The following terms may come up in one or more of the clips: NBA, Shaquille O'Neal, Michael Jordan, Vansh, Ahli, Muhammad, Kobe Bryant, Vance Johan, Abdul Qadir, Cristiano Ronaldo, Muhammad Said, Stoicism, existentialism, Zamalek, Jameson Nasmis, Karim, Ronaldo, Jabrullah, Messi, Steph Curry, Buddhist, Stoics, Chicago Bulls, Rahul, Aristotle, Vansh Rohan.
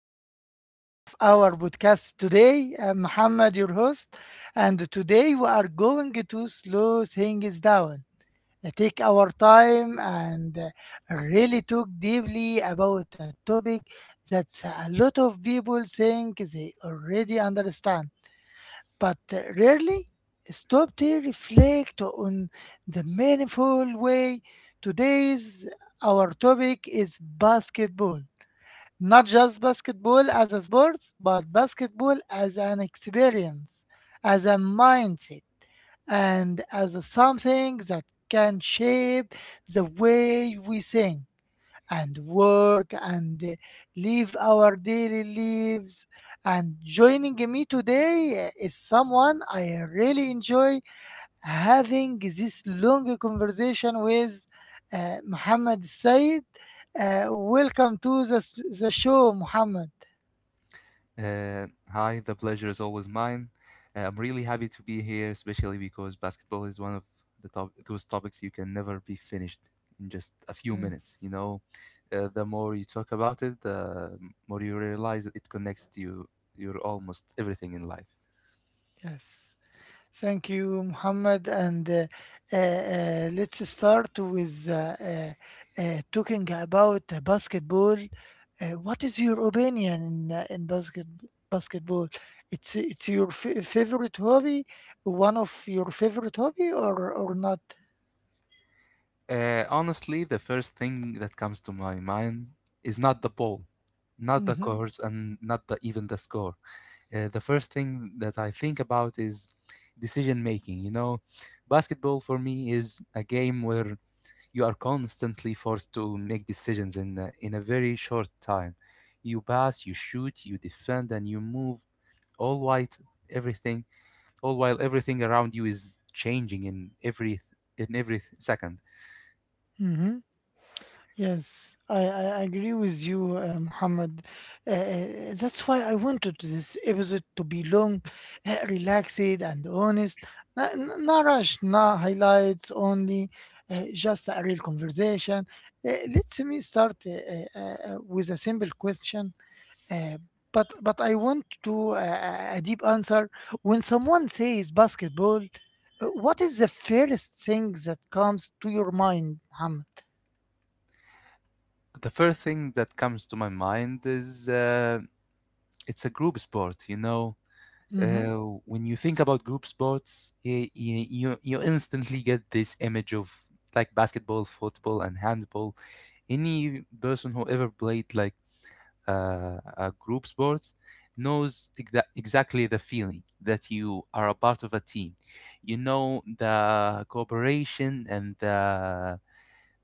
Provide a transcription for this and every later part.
new episode of our podcast today. I'm Muhammad, your host, and today we are going to slow things down, take our time, and really talk deeply about a topic that a lot of people think they already understand, but rarely stop to reflect on the meaningful way. Today's our topic is basketball, not just basketball as a sport, but basketball as an experience, as a mindset, and as a something that can shape the way we think and work and live our daily lives. And joining me today is someone I really enjoy having this long conversation with, Muhammad said. Uh, Welcome to the show, Muhammad. Hi, the pleasure is always mine. I'm really happy to be here, especially because basketball is one of the top those topics you can never be finished in just a few minutes. You Yes, know, uh, the more you talk about it, the more you realize that it connects to you your almost everything in life. yes. Thank you, Muhammad. And let's start with talking about basketball. What is your opinion in, uh, in basketball? It's your favorite hobby, one of your favorite hobby, or not? Honestly, the first thing that comes to my mind is not the ball, not the Mm-hmm. course, and not the, even the score. The first thing that I think about is decision making. You know, basketball for me is a game where you are constantly forced to make decisions in a very short time. You pass, you shoot, you defend, and you move. All white, everything, all while everything around you is changing in every second. Mm-hmm. Yes, I agree with you, Muhammad. Uh, uh, that's why I wanted this episode to be long, relaxed, and honest. Not, not rushed, not highlights only, just a real conversation. Let me start with a simple question, uh, but I want to a deep answer. When someone says basketball, what is the first thing that comes to your mind, Muhammad? The first thing that comes to my mind is it's a group sport, you know. Hmm. When you think about group sports, you instantly get this image of like basketball, football, and handball. Any person who ever played like a group sports knows exactly the feeling that you are a part of a team. You know the cooperation and the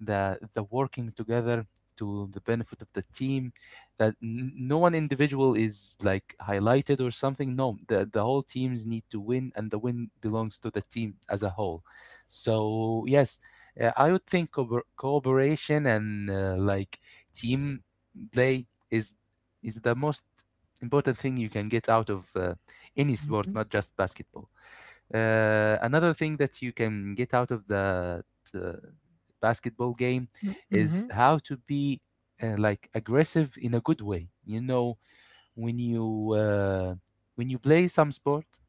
the the working together to the benefit of the team that no one individual is like highlighted or something. No, the, the whole teams need to win and the win belongs to the team as a whole. So yes, I would think cooperation and like team play is the most important thing you can get out of any sport, not just basketball. Another thing that you can get out of the uh, basketball game Mm, is mhm, how to be like aggressive in a good way. You know, when you uh, when you play some sport,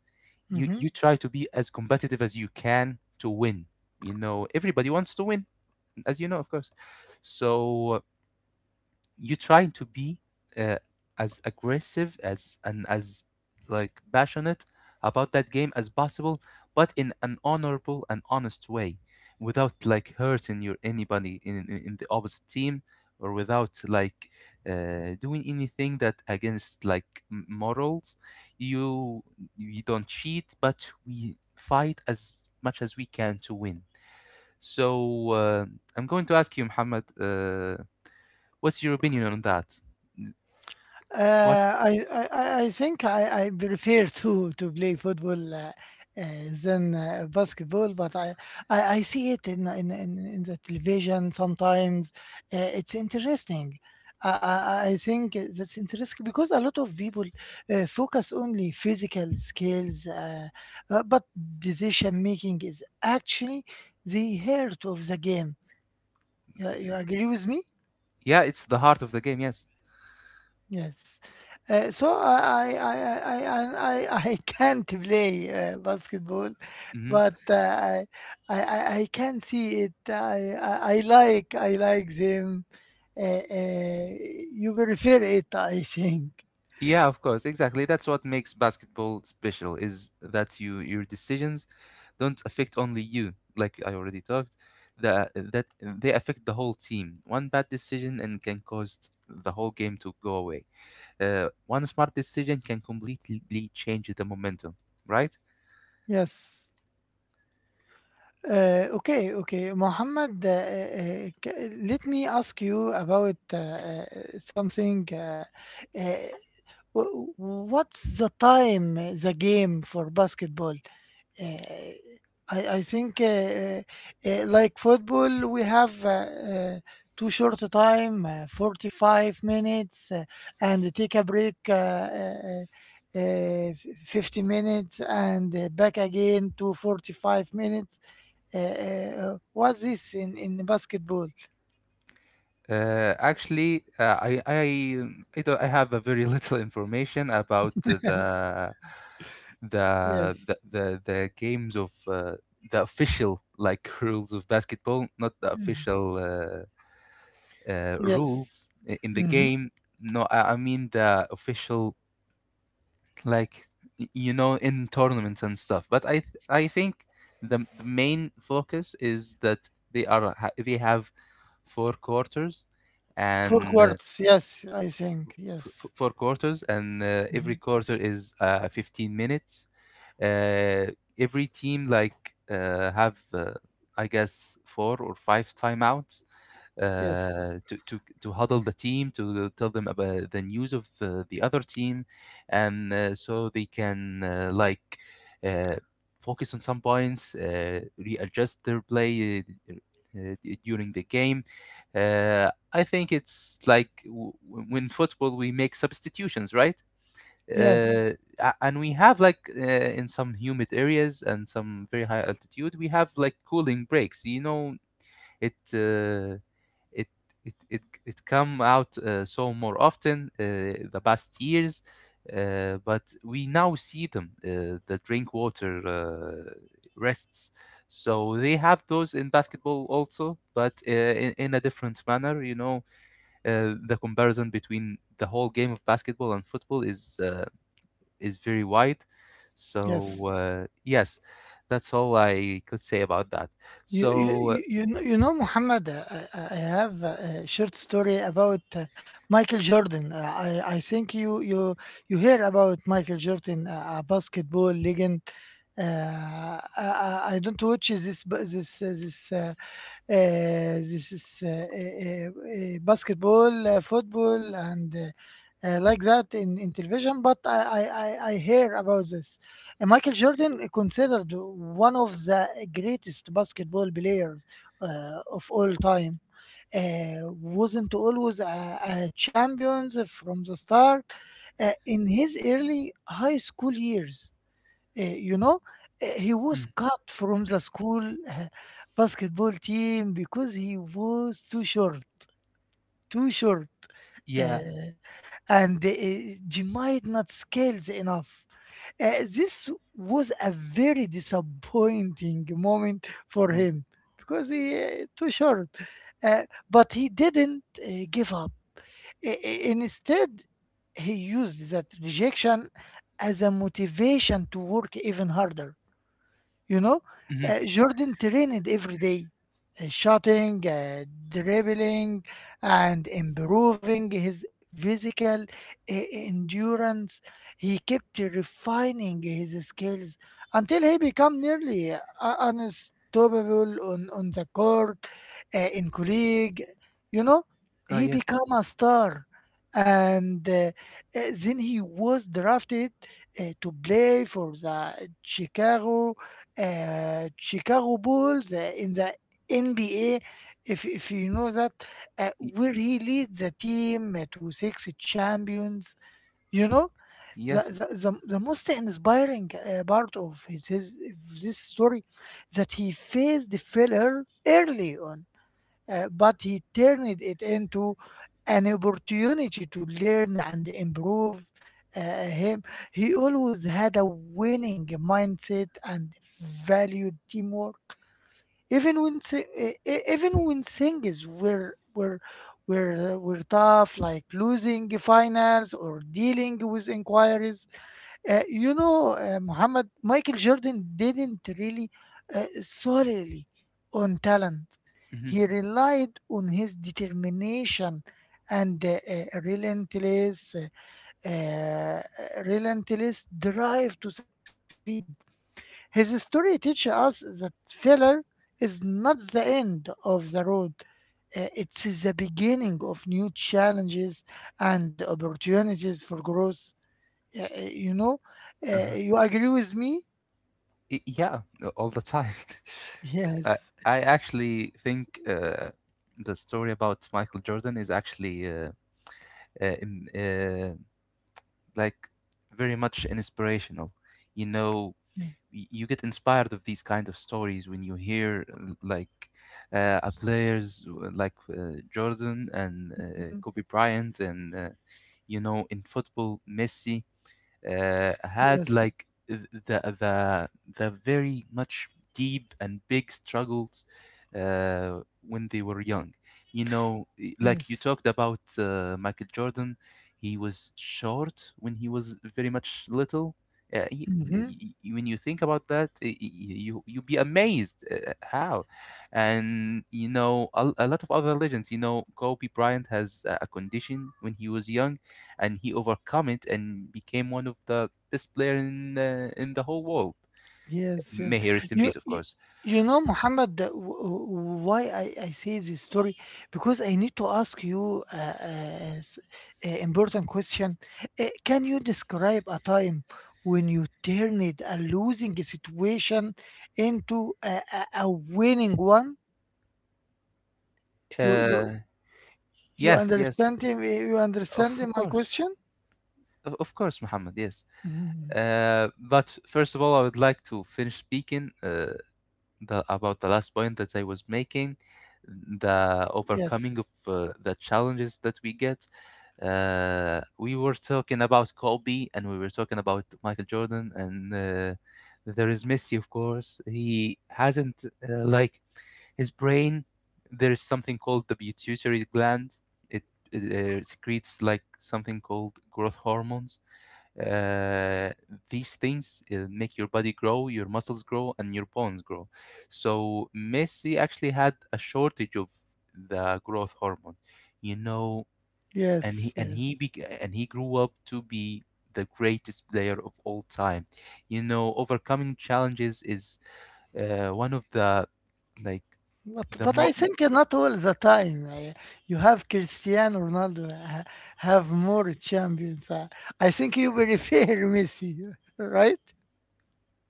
you mhm. you try to be as competitive as you can to win. You know, everybody wants to win, as you know, of course. So you trying to be uh, as aggressive as and as like passionate about that game as possible, but in an honorable and honest way without like hurting your anybody in the opposite team or without like doing anything that against like morals. You we don't cheat but we fight as much as we can to win. So I'm going to ask you, Muhammad, what's your opinion on that? What? Uh, I, I think I prefer to play football uh, than basketball, but I see it in, in the television sometimes. It's interesting. I think that's interesting because a lot of people focus only physical skills, but decision making is actually the heart of the game. You agree with me? Yeah, it's the heart of the game. Yes. Yes. So I I can't play basketball, Hmm. but I can see it. I like I like them. Uh, uh, you prefer it, I think. Yeah, of course. Exactly. That's what makes basketball special is that you your decisions don't affect only you, like I already talked. That that they affect the whole team. One bad decision and can cause the whole game to go away. One smart decision can completely change the momentum. Right? Yes. Okay, okay, Mohammed. Let me ask you about something. Uh, W- what's the time, the game for basketball? Uh, I think like football, we have uh, too short a time, 45 minutes, and take a break 50 minutes and back again to 45 minutes. What's this in basketball? Actually, I, don't, I have a very little information about Yes, yes, the games of the official like rules of basketball, not the mhm. official Yes. rules in the Mhm. game. No, I mean the official like you know in tournaments and stuff. But I think the main focus is that they have four quarters Four and quarts, yes, I think, yes, four quarters, and mhm. every quarter is 15 minutes. uh, every team like have I guess four or five timeouts, Yes, to huddle the team to tell them about the news of the other team, and so they can like uh, focus on some points, readjust their play. Uh, uh, During the game, I think it's like when football we make substitutions, right? yes, uh, a- and we have like in some humid areas and some very high altitude we have like cooling breaks, you know. It uh, it it it it come out so more often the past years, but we now see them the drink water, rests. So they have those in basketball also but in a different manner, you know. The comparison between the whole game of basketball and football is very wide. yes. So yes, that's all I could say about that. So You know, Muhammad, I, I have a short story about Michael Jordan. I think you hear about Michael Jordan, a basketball legend. Uh, I don't watch this bu- this this this is basketball, football, and like that in television. But I hear about this. Michael Jordan considered one of the greatest basketball players of all time. Uh, wasn't always a champion from the start. In his early high school years, you know, he was mm, cut from the school uh, basketball team because he was too short, yeah, uh, and he might not skills enough. Uh, this was a very disappointing moment for oh, him because he too short, uh, but he didn't give up. Instead, he used that rejection as a motivation to work even harder. You know, mhm, Jordan trained every day, shooting, dribbling, and improving his physical endurance. He kept refining his skills until he became nearly unstoppable on the court, in colleague. You know, oh he yeah, became a star. And then he was drafted to play for the Chicago Bulls in the NBA, if you know that, y- where he leads the team to six champions. You know, yes, the most inspiring part of his of this story that he faced failure early on, but he turned it into an opportunity to learn and improve him. He always had a winning mindset and valued teamwork. Even when things were tough, like losing finals or dealing with inquiries, you know, Muhammad, Michael Jordan didn't really solely on talent. hmm, He relied on his determination and uh, uh, relentless drive to succeed. His story teaches us that failure is not the end of the road. It's the beginning of new challenges and opportunities for growth. Yeah, you know, uh-huh. you agree with me? Yeah, all the time. I Yes. I actually think the story about Michael Jordan is actually uh, im- uh, like very much inspirational. You know, Yeah, you get inspired of these kind of stories when you hear like a players like Jordan and mhm, Kobe Bryant and you know in football Messi had yes. like the very much deep and big struggles uh, when they were young. You know, like you Yes. talked about Michael Jordan, he was short when he was very much little. Uh, he, y- Hmm. When you think about that, you you be amazed how, and you know a lot of other legends. You know, Kobe Bryant has a condition when he was young and he overcome it and became one of the best player in the whole world. Yes. Yes. May he rest in You, peace, of you, course. you know, S- Muhammad, why I say this story? Because I need to ask you s- important question. Can you describe a time when you turned a losing situation into a winning one? You, you, Uh, you yes, yes, understand him? You understand of my course, question? Of course, Muhammad. Yes. Mhm. But first of all, I would like to finish speaking the, about the last point that I was making, the overcoming Yes, of the challenges that we get. We were talking about Kobe and we were talking about Michael Jordan, and there is Messi, of course. He hasn't, like, his brain, there is something called the pituitary gland. It, it secretes, like, something called growth hormones. Uh, these things make your body grow, your muscles grow, and your bones grow. So Messi actually had a shortage of the growth hormone. You know, yes, and he yes. bec and he grew up to be the greatest player of all time. You know, overcoming challenges is one of the like the But I think not all the time. You have Cristiano Ronaldo have more champions. I think you will refer Messi, right?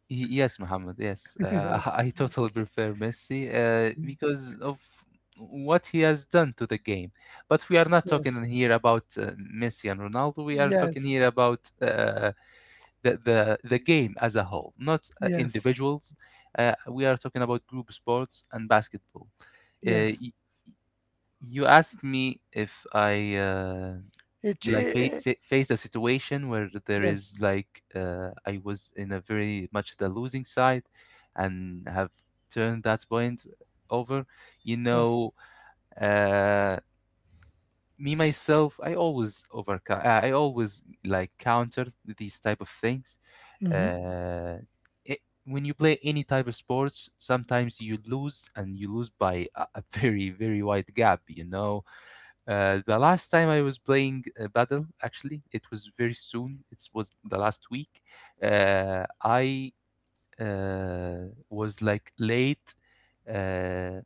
yes, Muhammad, yes, Yes, I totally prefer Messi mhm. because of what he has done to the game. But we are not Yes, talking here about Messi and Ronaldo. We are talking yes, here about the game as a whole, not yes, individuals. We are talking about group sports and basketball. Uh, yes. y- you asked me if I It, like faced a situation where there is yes, like I was in a very much the losing side, and have turned that point over. You know, yes. uh, me myself I always overcome, I always like counter these type of things. Hmm. uh it, when you play any type of sports sometimes you lose and you lose by a very very wide gap, you know. The last time I was playing battle, actually, it was very soon. It was the last week. I was like late. Uh,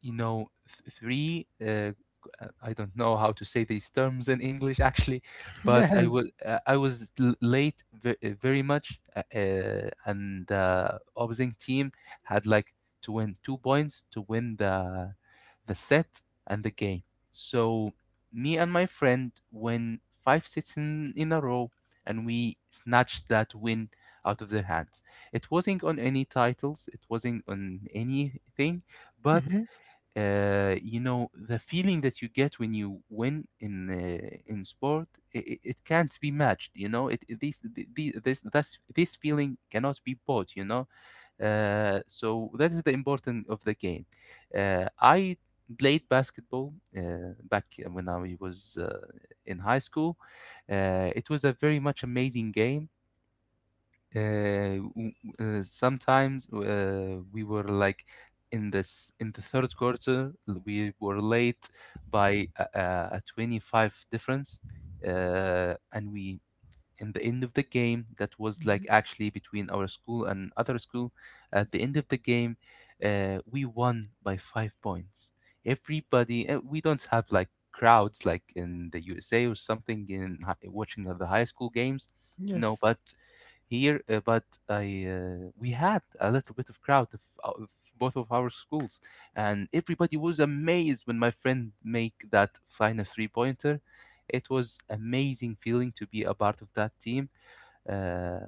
you know three I don't know how to say these terms in English actually, but Yes. I was late very much, and the opposing team had like to win 2 points to win the set and the game. So me and my friend win five sets in a row, and we snatched that win out of their hands. It wasn't on any titles, it wasn't on anything, but Hmm. You know the feeling that you get when you win in sport it, it can't be matched, you know. It this this this that's- This feeling cannot be bought, you know. So that is the importance of the game. I played basketball back when I was in high school. It was a very much amazing game. uh, w- Sometimes we were like in this in the third quarter we were late by a a 25 difference, and we in the end of the game that was like actually between our school and other school. At the end of the game we won by 5 points. Everybody we don't have like crowds like in the USA or something in watching of the high school games. No, Yes. but here but I we had a little bit of crowd of both of our schools, and everybody was amazed when my friend make that final three pointer. It was amazing feeling to be a part of that team, uh,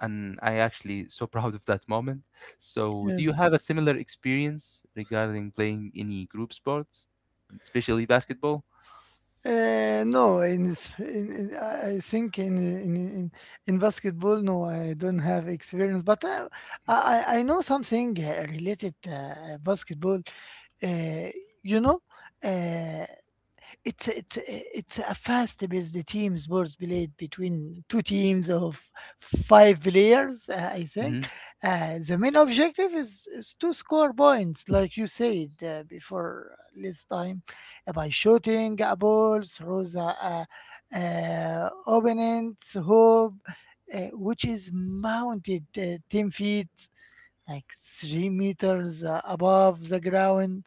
and I actually so proud of that moment. So, do you Yes. have a similar experience regarding playing any group sports, especially basketball? No, in, s- in I think in basketball, no, I don't have experience. But I know something related basketball. Uh, you know, uh, it's a fast-paced team sports played between two teams of five players, I think. The main objective is to score points, like you said before this time, by shooting a ball through the uh, opponent's hoop, which is mounted 10 feet like 3 meters above the ground.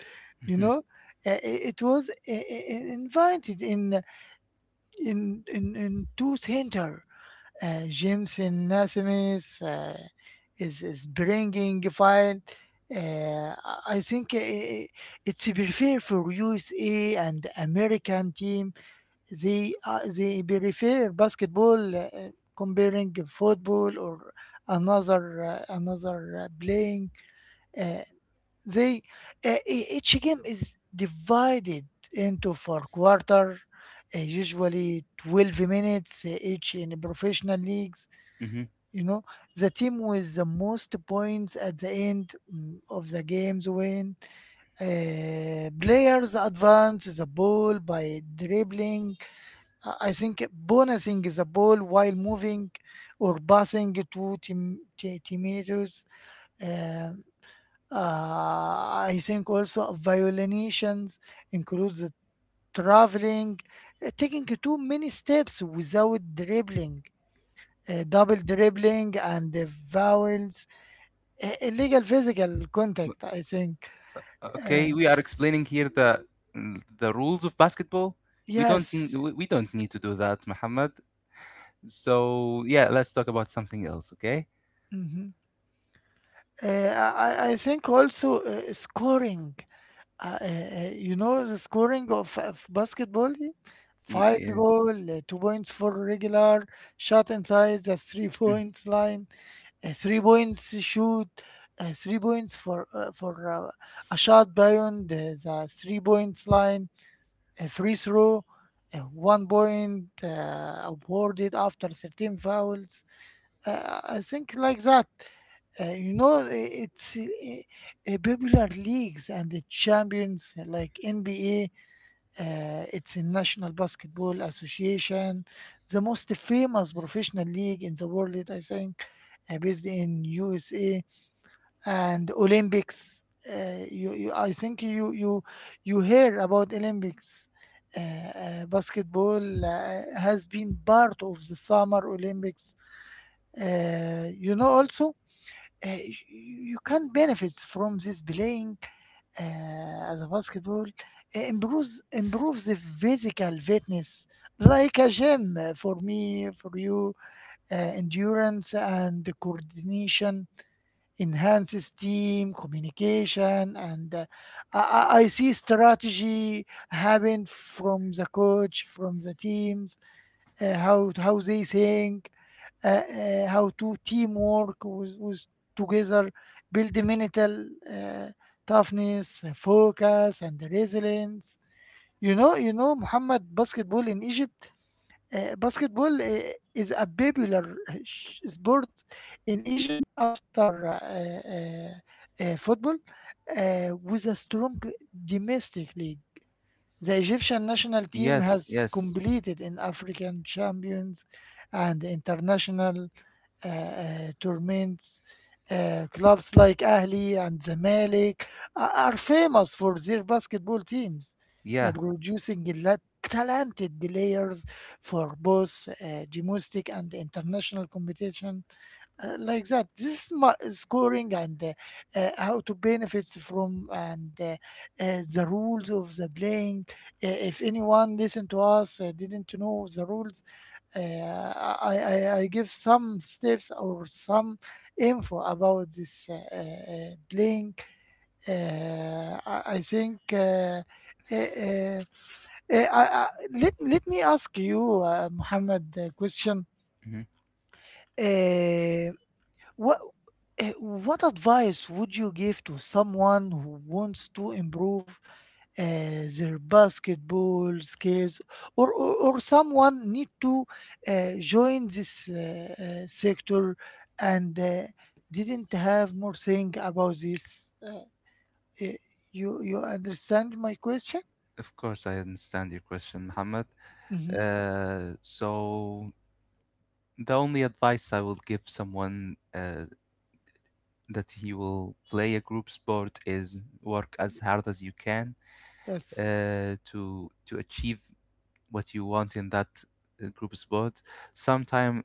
You Mm-hmm. know, uh, it was invited in in two center. Jameson Nasmis is bringing fine. I think it's prefer for USA and American team. They prefer basketball uh, comparing football or another another playing. Uh, they each game is divided into four quarter, usually 12 minutes each in professional leagues. Mm-hmm. You know, the team with the most points at the end mm, of the games win. Players advance the ball by dribbling. I think bonusing the ball while moving or passing to teammates. Uh, I think also violations includes traveling, taking too many steps without dribbling, double dribbling, and vowels, illegal physical contact. I think uh, Okay, we are explaining here the rules of basketball. Yes. We don't need to do that, Muhammad. So yeah, let's talk about something else, okay? Hmm. I I think also scoring. Uh, uh, you know the scoring of basketball? Field Yes. goal, 2 points for regular, shot inside the three Mm. points line, 3 points shoot, 3 points for a shot beyond the 3 points line, a free throw, 1 point awarded after 13 fouls. I think like that. You know, it's popular leagues and the champions like NBA. It's a National Basketball Association, the most famous professional league in the world, I think, based in USA and Olympics. I think you hear about Olympics. Uh, basketball has been part of the Summer Olympics. You know, also uh, you can benefit from this playing as a basketball improves the physical fitness like a gym for me for you uh, endurance and coordination enhances team communication and I see strategy happen from the coach from the teams how they think how to teamwork with together build mental uh, toughness focus and resilience. You know, you know Muhammad, basketball in Egypt. Uh, basketball is a popular sport in Egypt after uh, football with a strong domestic league. The Egyptian national team Yes, has yes. completed in African champions and international tournaments. Clubs like Ahli and Zamalek are famous for their basketball teams, Yeah. producing talented players for both domestic and international competition. Like that, this is my scoring and how to benefit from and the rules of the playing. If anyone listen to us didn't know the rules, uh, I give some steps or some info about this link. I think uh, uh, uh, I, I, let, let me ask you, Muhammad, a question. Mm-hmm. Uh, what, what advice would you give to someone who wants to improve? uh, their basketball skills, or someone need to join this sector, and didn't have more thing about this eh, you understand my question? Of course, I understand your question, Muhammad. Hmm. So the only advice I will give someone that he will play a group sport is work as hard as you can Yes, to achieve what you want in that group sport. Sometimes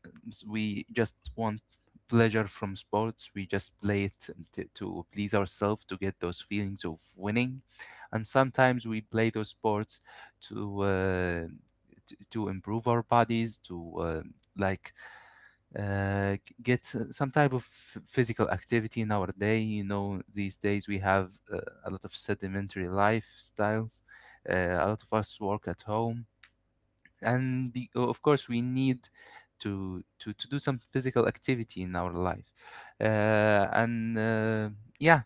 we just want pleasure from sports. We just play it to please ourselves to get those feelings of winning, and sometimes we play those sports to. Uh, to improve our bodies to like uh, get some type of physical activity in our day. These days we have a lot of sedimentary lifestyles, uh, a lot of us work at home, and of course we need to do some physical activity in our life, and yeah,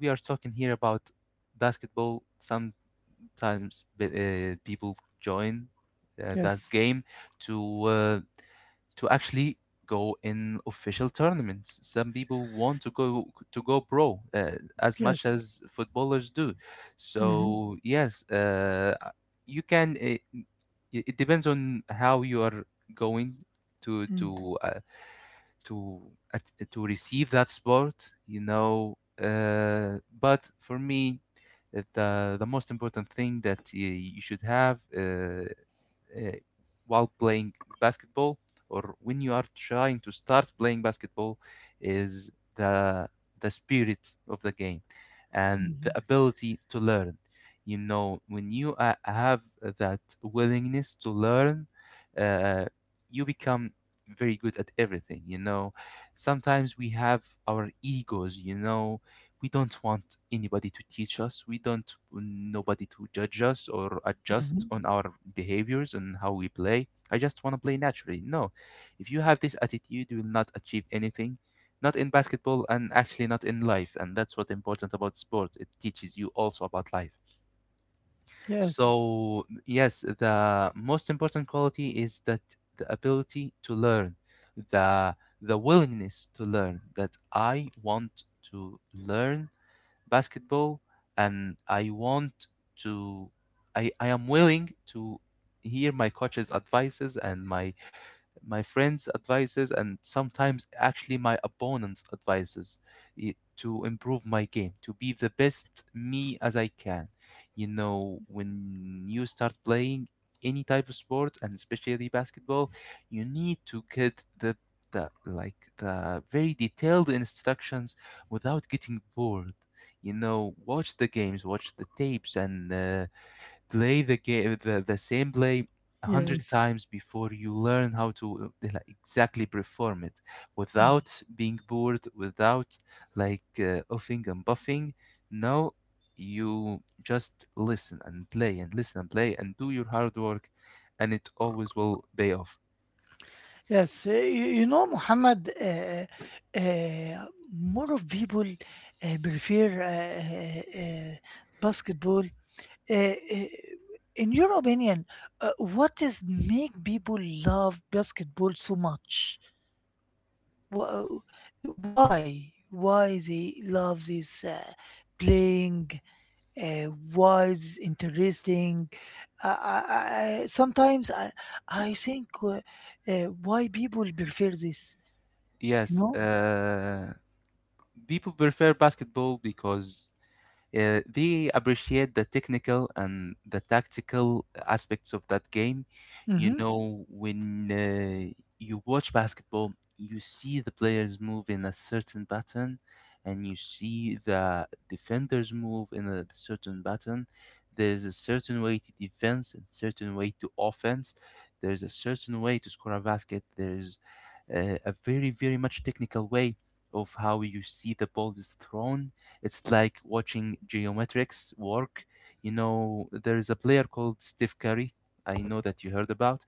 we are talking here about basketball. Sometimes people join that yes, game to uh, to actually go in official tournaments. Some people want to go pro, as much yes. as footballers do. Hmm, So yes, you can. It depends on how you are going to hmm, to uh, to to receive that sport. But for me, the most important thing that you should have, uh, while playing basketball or when you are trying to start playing basketball, is the spirit of the game and the ability to learn. When you have that willingness to learn, uh, you become very good at everything. Sometimes we have our egos. We don't want anybody to teach us. We don't want nobody to judge us or adjust hmm. on our behaviors and how we play. I just want to play naturally. No. If you have this attitude you will not achieve anything, not in basketball and actually not in life. And that's what's important about sport: it teaches you also about life. Yes, So yes, the most important quality is that, the ability to learn, the willingness to learn. That I want to learn basketball, and to I am willing to hear my coach's advices and my friends' advices and sometimes actually my opponents' advices, to improve my game, to be the best me as I can. You know, when you start playing any type of sport and especially basketball, you need to get the like the very detailed instructions without getting bored. Watch the games, watch the tapes, and play the game the same play a hundred yes. times before you learn how to like, exactly perform it Mm-hmm. without being bored, without like offing and buffing. No, you just listen and play and listen and play and do your hard work, and it always will pay off. Yes, you know, Muhammad, more of people prefer basketball. Uh, uh, in your opinion, what is make people love basketball so much? Wha- Why? Why they love this playing? Uh, why is interesting? Uh, Sometimes I think why people prefer this. You yes know? uh people prefer basketball because they appreciate the technical and the tactical aspects of that game. You Mm-hmm. know, when you watch basketball, you see the players move in a certain pattern, and you see the defenders move in a certain pattern. There's a certain way to defense and certain way to offense. There's a certain way to score a basket. There's a very, very much technical way of how you see the ball is thrown. It's like watching geometrics work. There is a player called Steve Curry. I know that you heard about.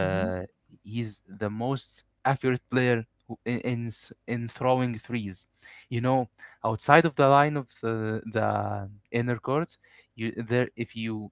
Hmm. he's the most accurate player in throwing threes. You know, outside of the line of the inner court, you there, if you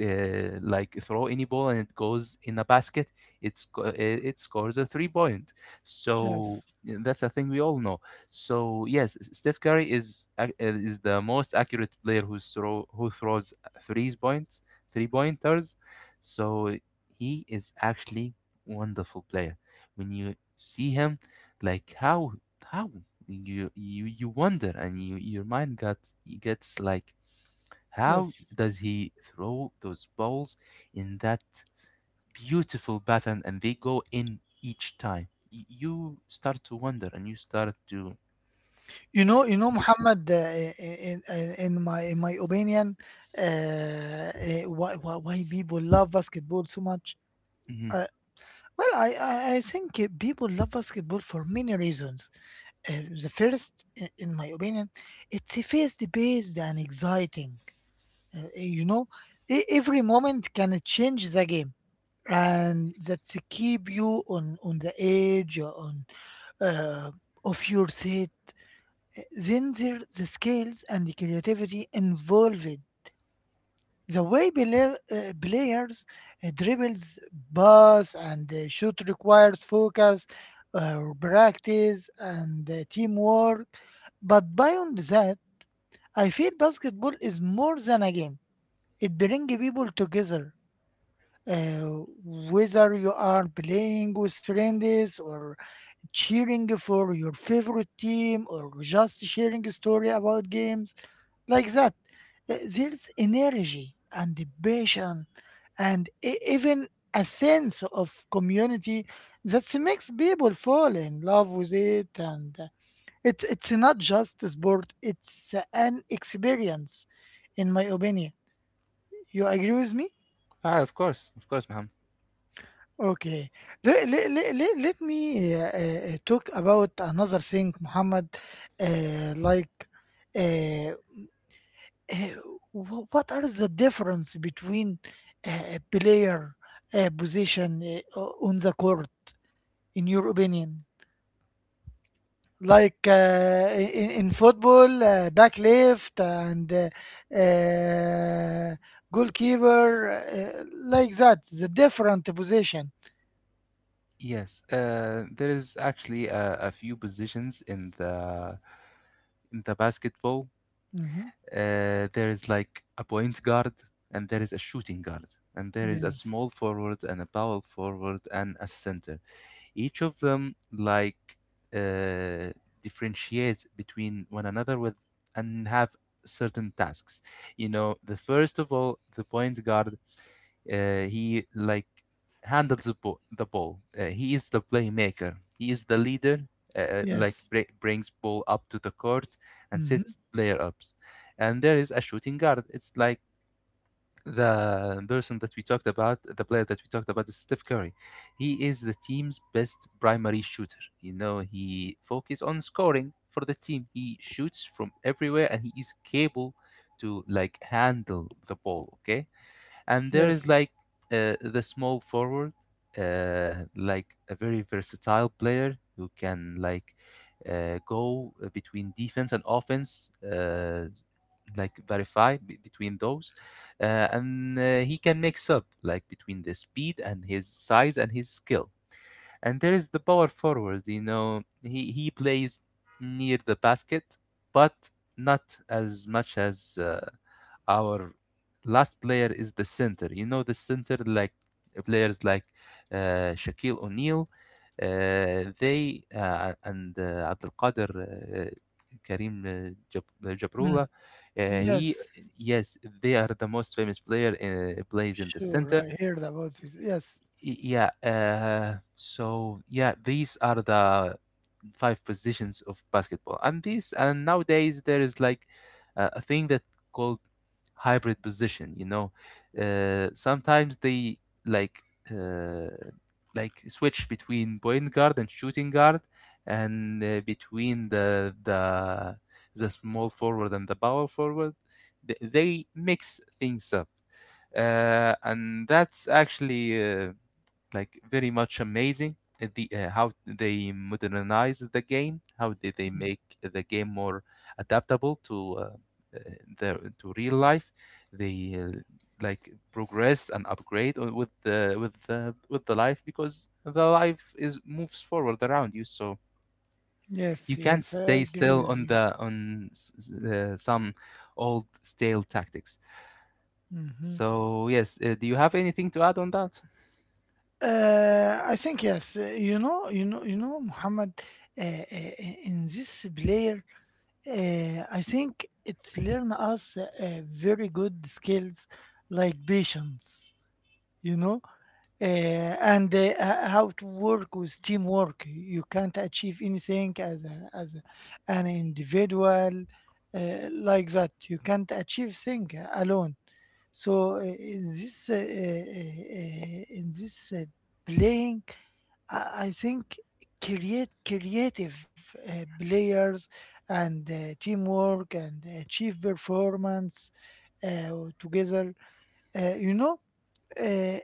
like throw any ball and it goes in a basket, it scores a 3 point. So Yes. yeah, that's a thing we all know. So yes, Steph Curry is the most accurate player who throws threes points, three pointers. So he is actually wonderful player. When you see him, like how you wonder and your mind got gets like how Yes. does he throw those balls in that beautiful pattern and they go in each time? You start to wonder and you start to. You know, Muhammad. In my opinion, why people love basketball so much? Mhm. Uh, well, I think people love basketball for many reasons. The first, in my opinion, it's a fast-paced and exciting. You know, every moment can change the game, and that's keep you on the edge or on uh, of your set. Then there the skills and the creativity involved. The way players dribbles, pass, and shoot requires focus, practice, and teamwork. But beyond that, I feel basketball is more than a game. It brings people together, uh, whether you are playing with friends or cheering for your favorite team or just sharing a story about games like that. There's energy and passion and even a sense of community that makes people fall in love with it, and it's not just a sport, it's an experience, in my opinion. You agree with me? Ah, of course, Mohammed. Okay. Let me talk about another thing, Muhammad. Uh, like, uh, uh, what are the difference between player position on the court, in your opinion? Like in football, back left and uh, goalkeeper, like that, the different position. Yes, there is actually a few positions in the basketball. Hmm. There is like a point guard, and there is a shooting guard, and there is a small Yes. forward and a power forward and a center. Each of them like uh, differentiates between one another with, and have certain tasks. The first of all, the point guard, he like handles the ball. He is the playmaker. He is the leader, like Yes. Brings ball up to the court and Mhm. sets player ups. And there is a shooting guard. It's like the person that we talked about, the player that we talked about is Steph Curry. He is the team's best primary shooter. He focuses on scoring for the team. He shoots from everywhere and he is capable to like handle the ball, okay? And there is Yes. like the small forward, like a very versatile player who can like go between defense and offense, like verify between those, and he can mix up like between the speed and his size and his skill. And there is the power forward. He plays near the basket, but not as much as our last player is the center. The center, like players like Shaquille O'Neal, they and Abdul Qadir, Karim, Mm. Jabrullah, he Yes. yes, they are the most famous player plays in the Sure, center. I heard about it. Yes. Yeah, uh, so yeah, these are the five positions of basketball, and these, and nowadays there is like a thing that called hybrid position. Sometimes they like uh, like switch between point guard and shooting guard, and between the small forward and the power forward. They mix things up, and that's actually. Uh, like very much amazing at the, how they modernize the game, how did they Mm. make the game more adaptable to, uh, the to real life. They like progress and upgrade, with the life, because the life is moves forward around you. So Yes. you can't Yes, I stay agree still with on you. the on s- s- uh, some old stale tactics. Hmm. So, yes, do you have anything to add on that? I think yes. You know. You know. You know, Muhammad. Uh, in this player, I think it's learn us very good skills like patience. You know, and how to work with teamwork. You can't achieve anything as an individual like that. You can't achieve thing alone. So in this playing, I think create creative players and teamwork and achieve performance uh, together. You know. Uh,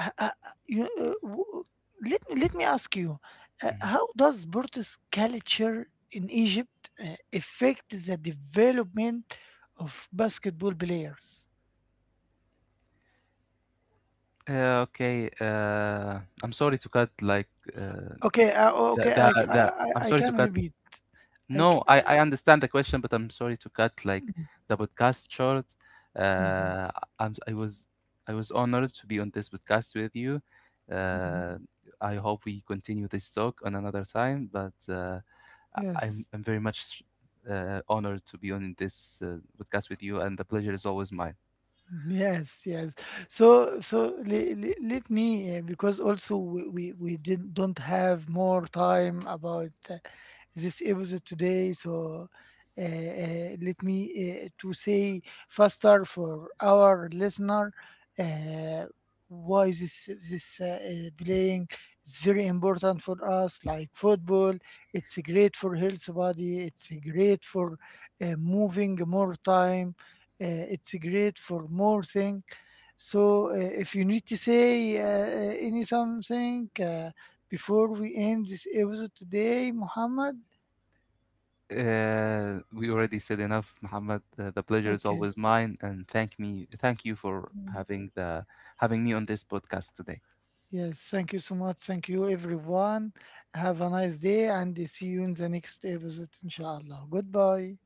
uh, uh, uh, you, uh, w- uh, let me ask you, how does Portuguese culture in Egypt affect the development of basketball players? Okay, I'm sorry to cut like, uh, Okay, the okay, that, that. I'm I sorry to can cut. repeat. I, c- No, I, uh, I understand the question, but I'm sorry to cut like, the podcast short. mhm. Uh, I'm I was I was honored to be on this podcast with you. Uh, Mhm. I hope we continue this talk on another time, but uh, I- I'm Yes, I'm very much honored to be on this podcast with you, and the pleasure is always mine. yes, yes. So let me, because also we didn't don't have more time about. This episode today. So let me to say faster for our listener uh, why this playing is very important for us. Like football, it's great for health body. It's great for moving more time. It's great for more thing. So if you need to say any something. Before we end this episode today, Muhammad? We already said enough, Muhammad. The pleasure is Okay. always mine, and thank you for Mm. having me on this podcast today. Yes, thank you so much. Thank you, everyone. Have a nice day and see you in the next episode, inshallah. Goodbye.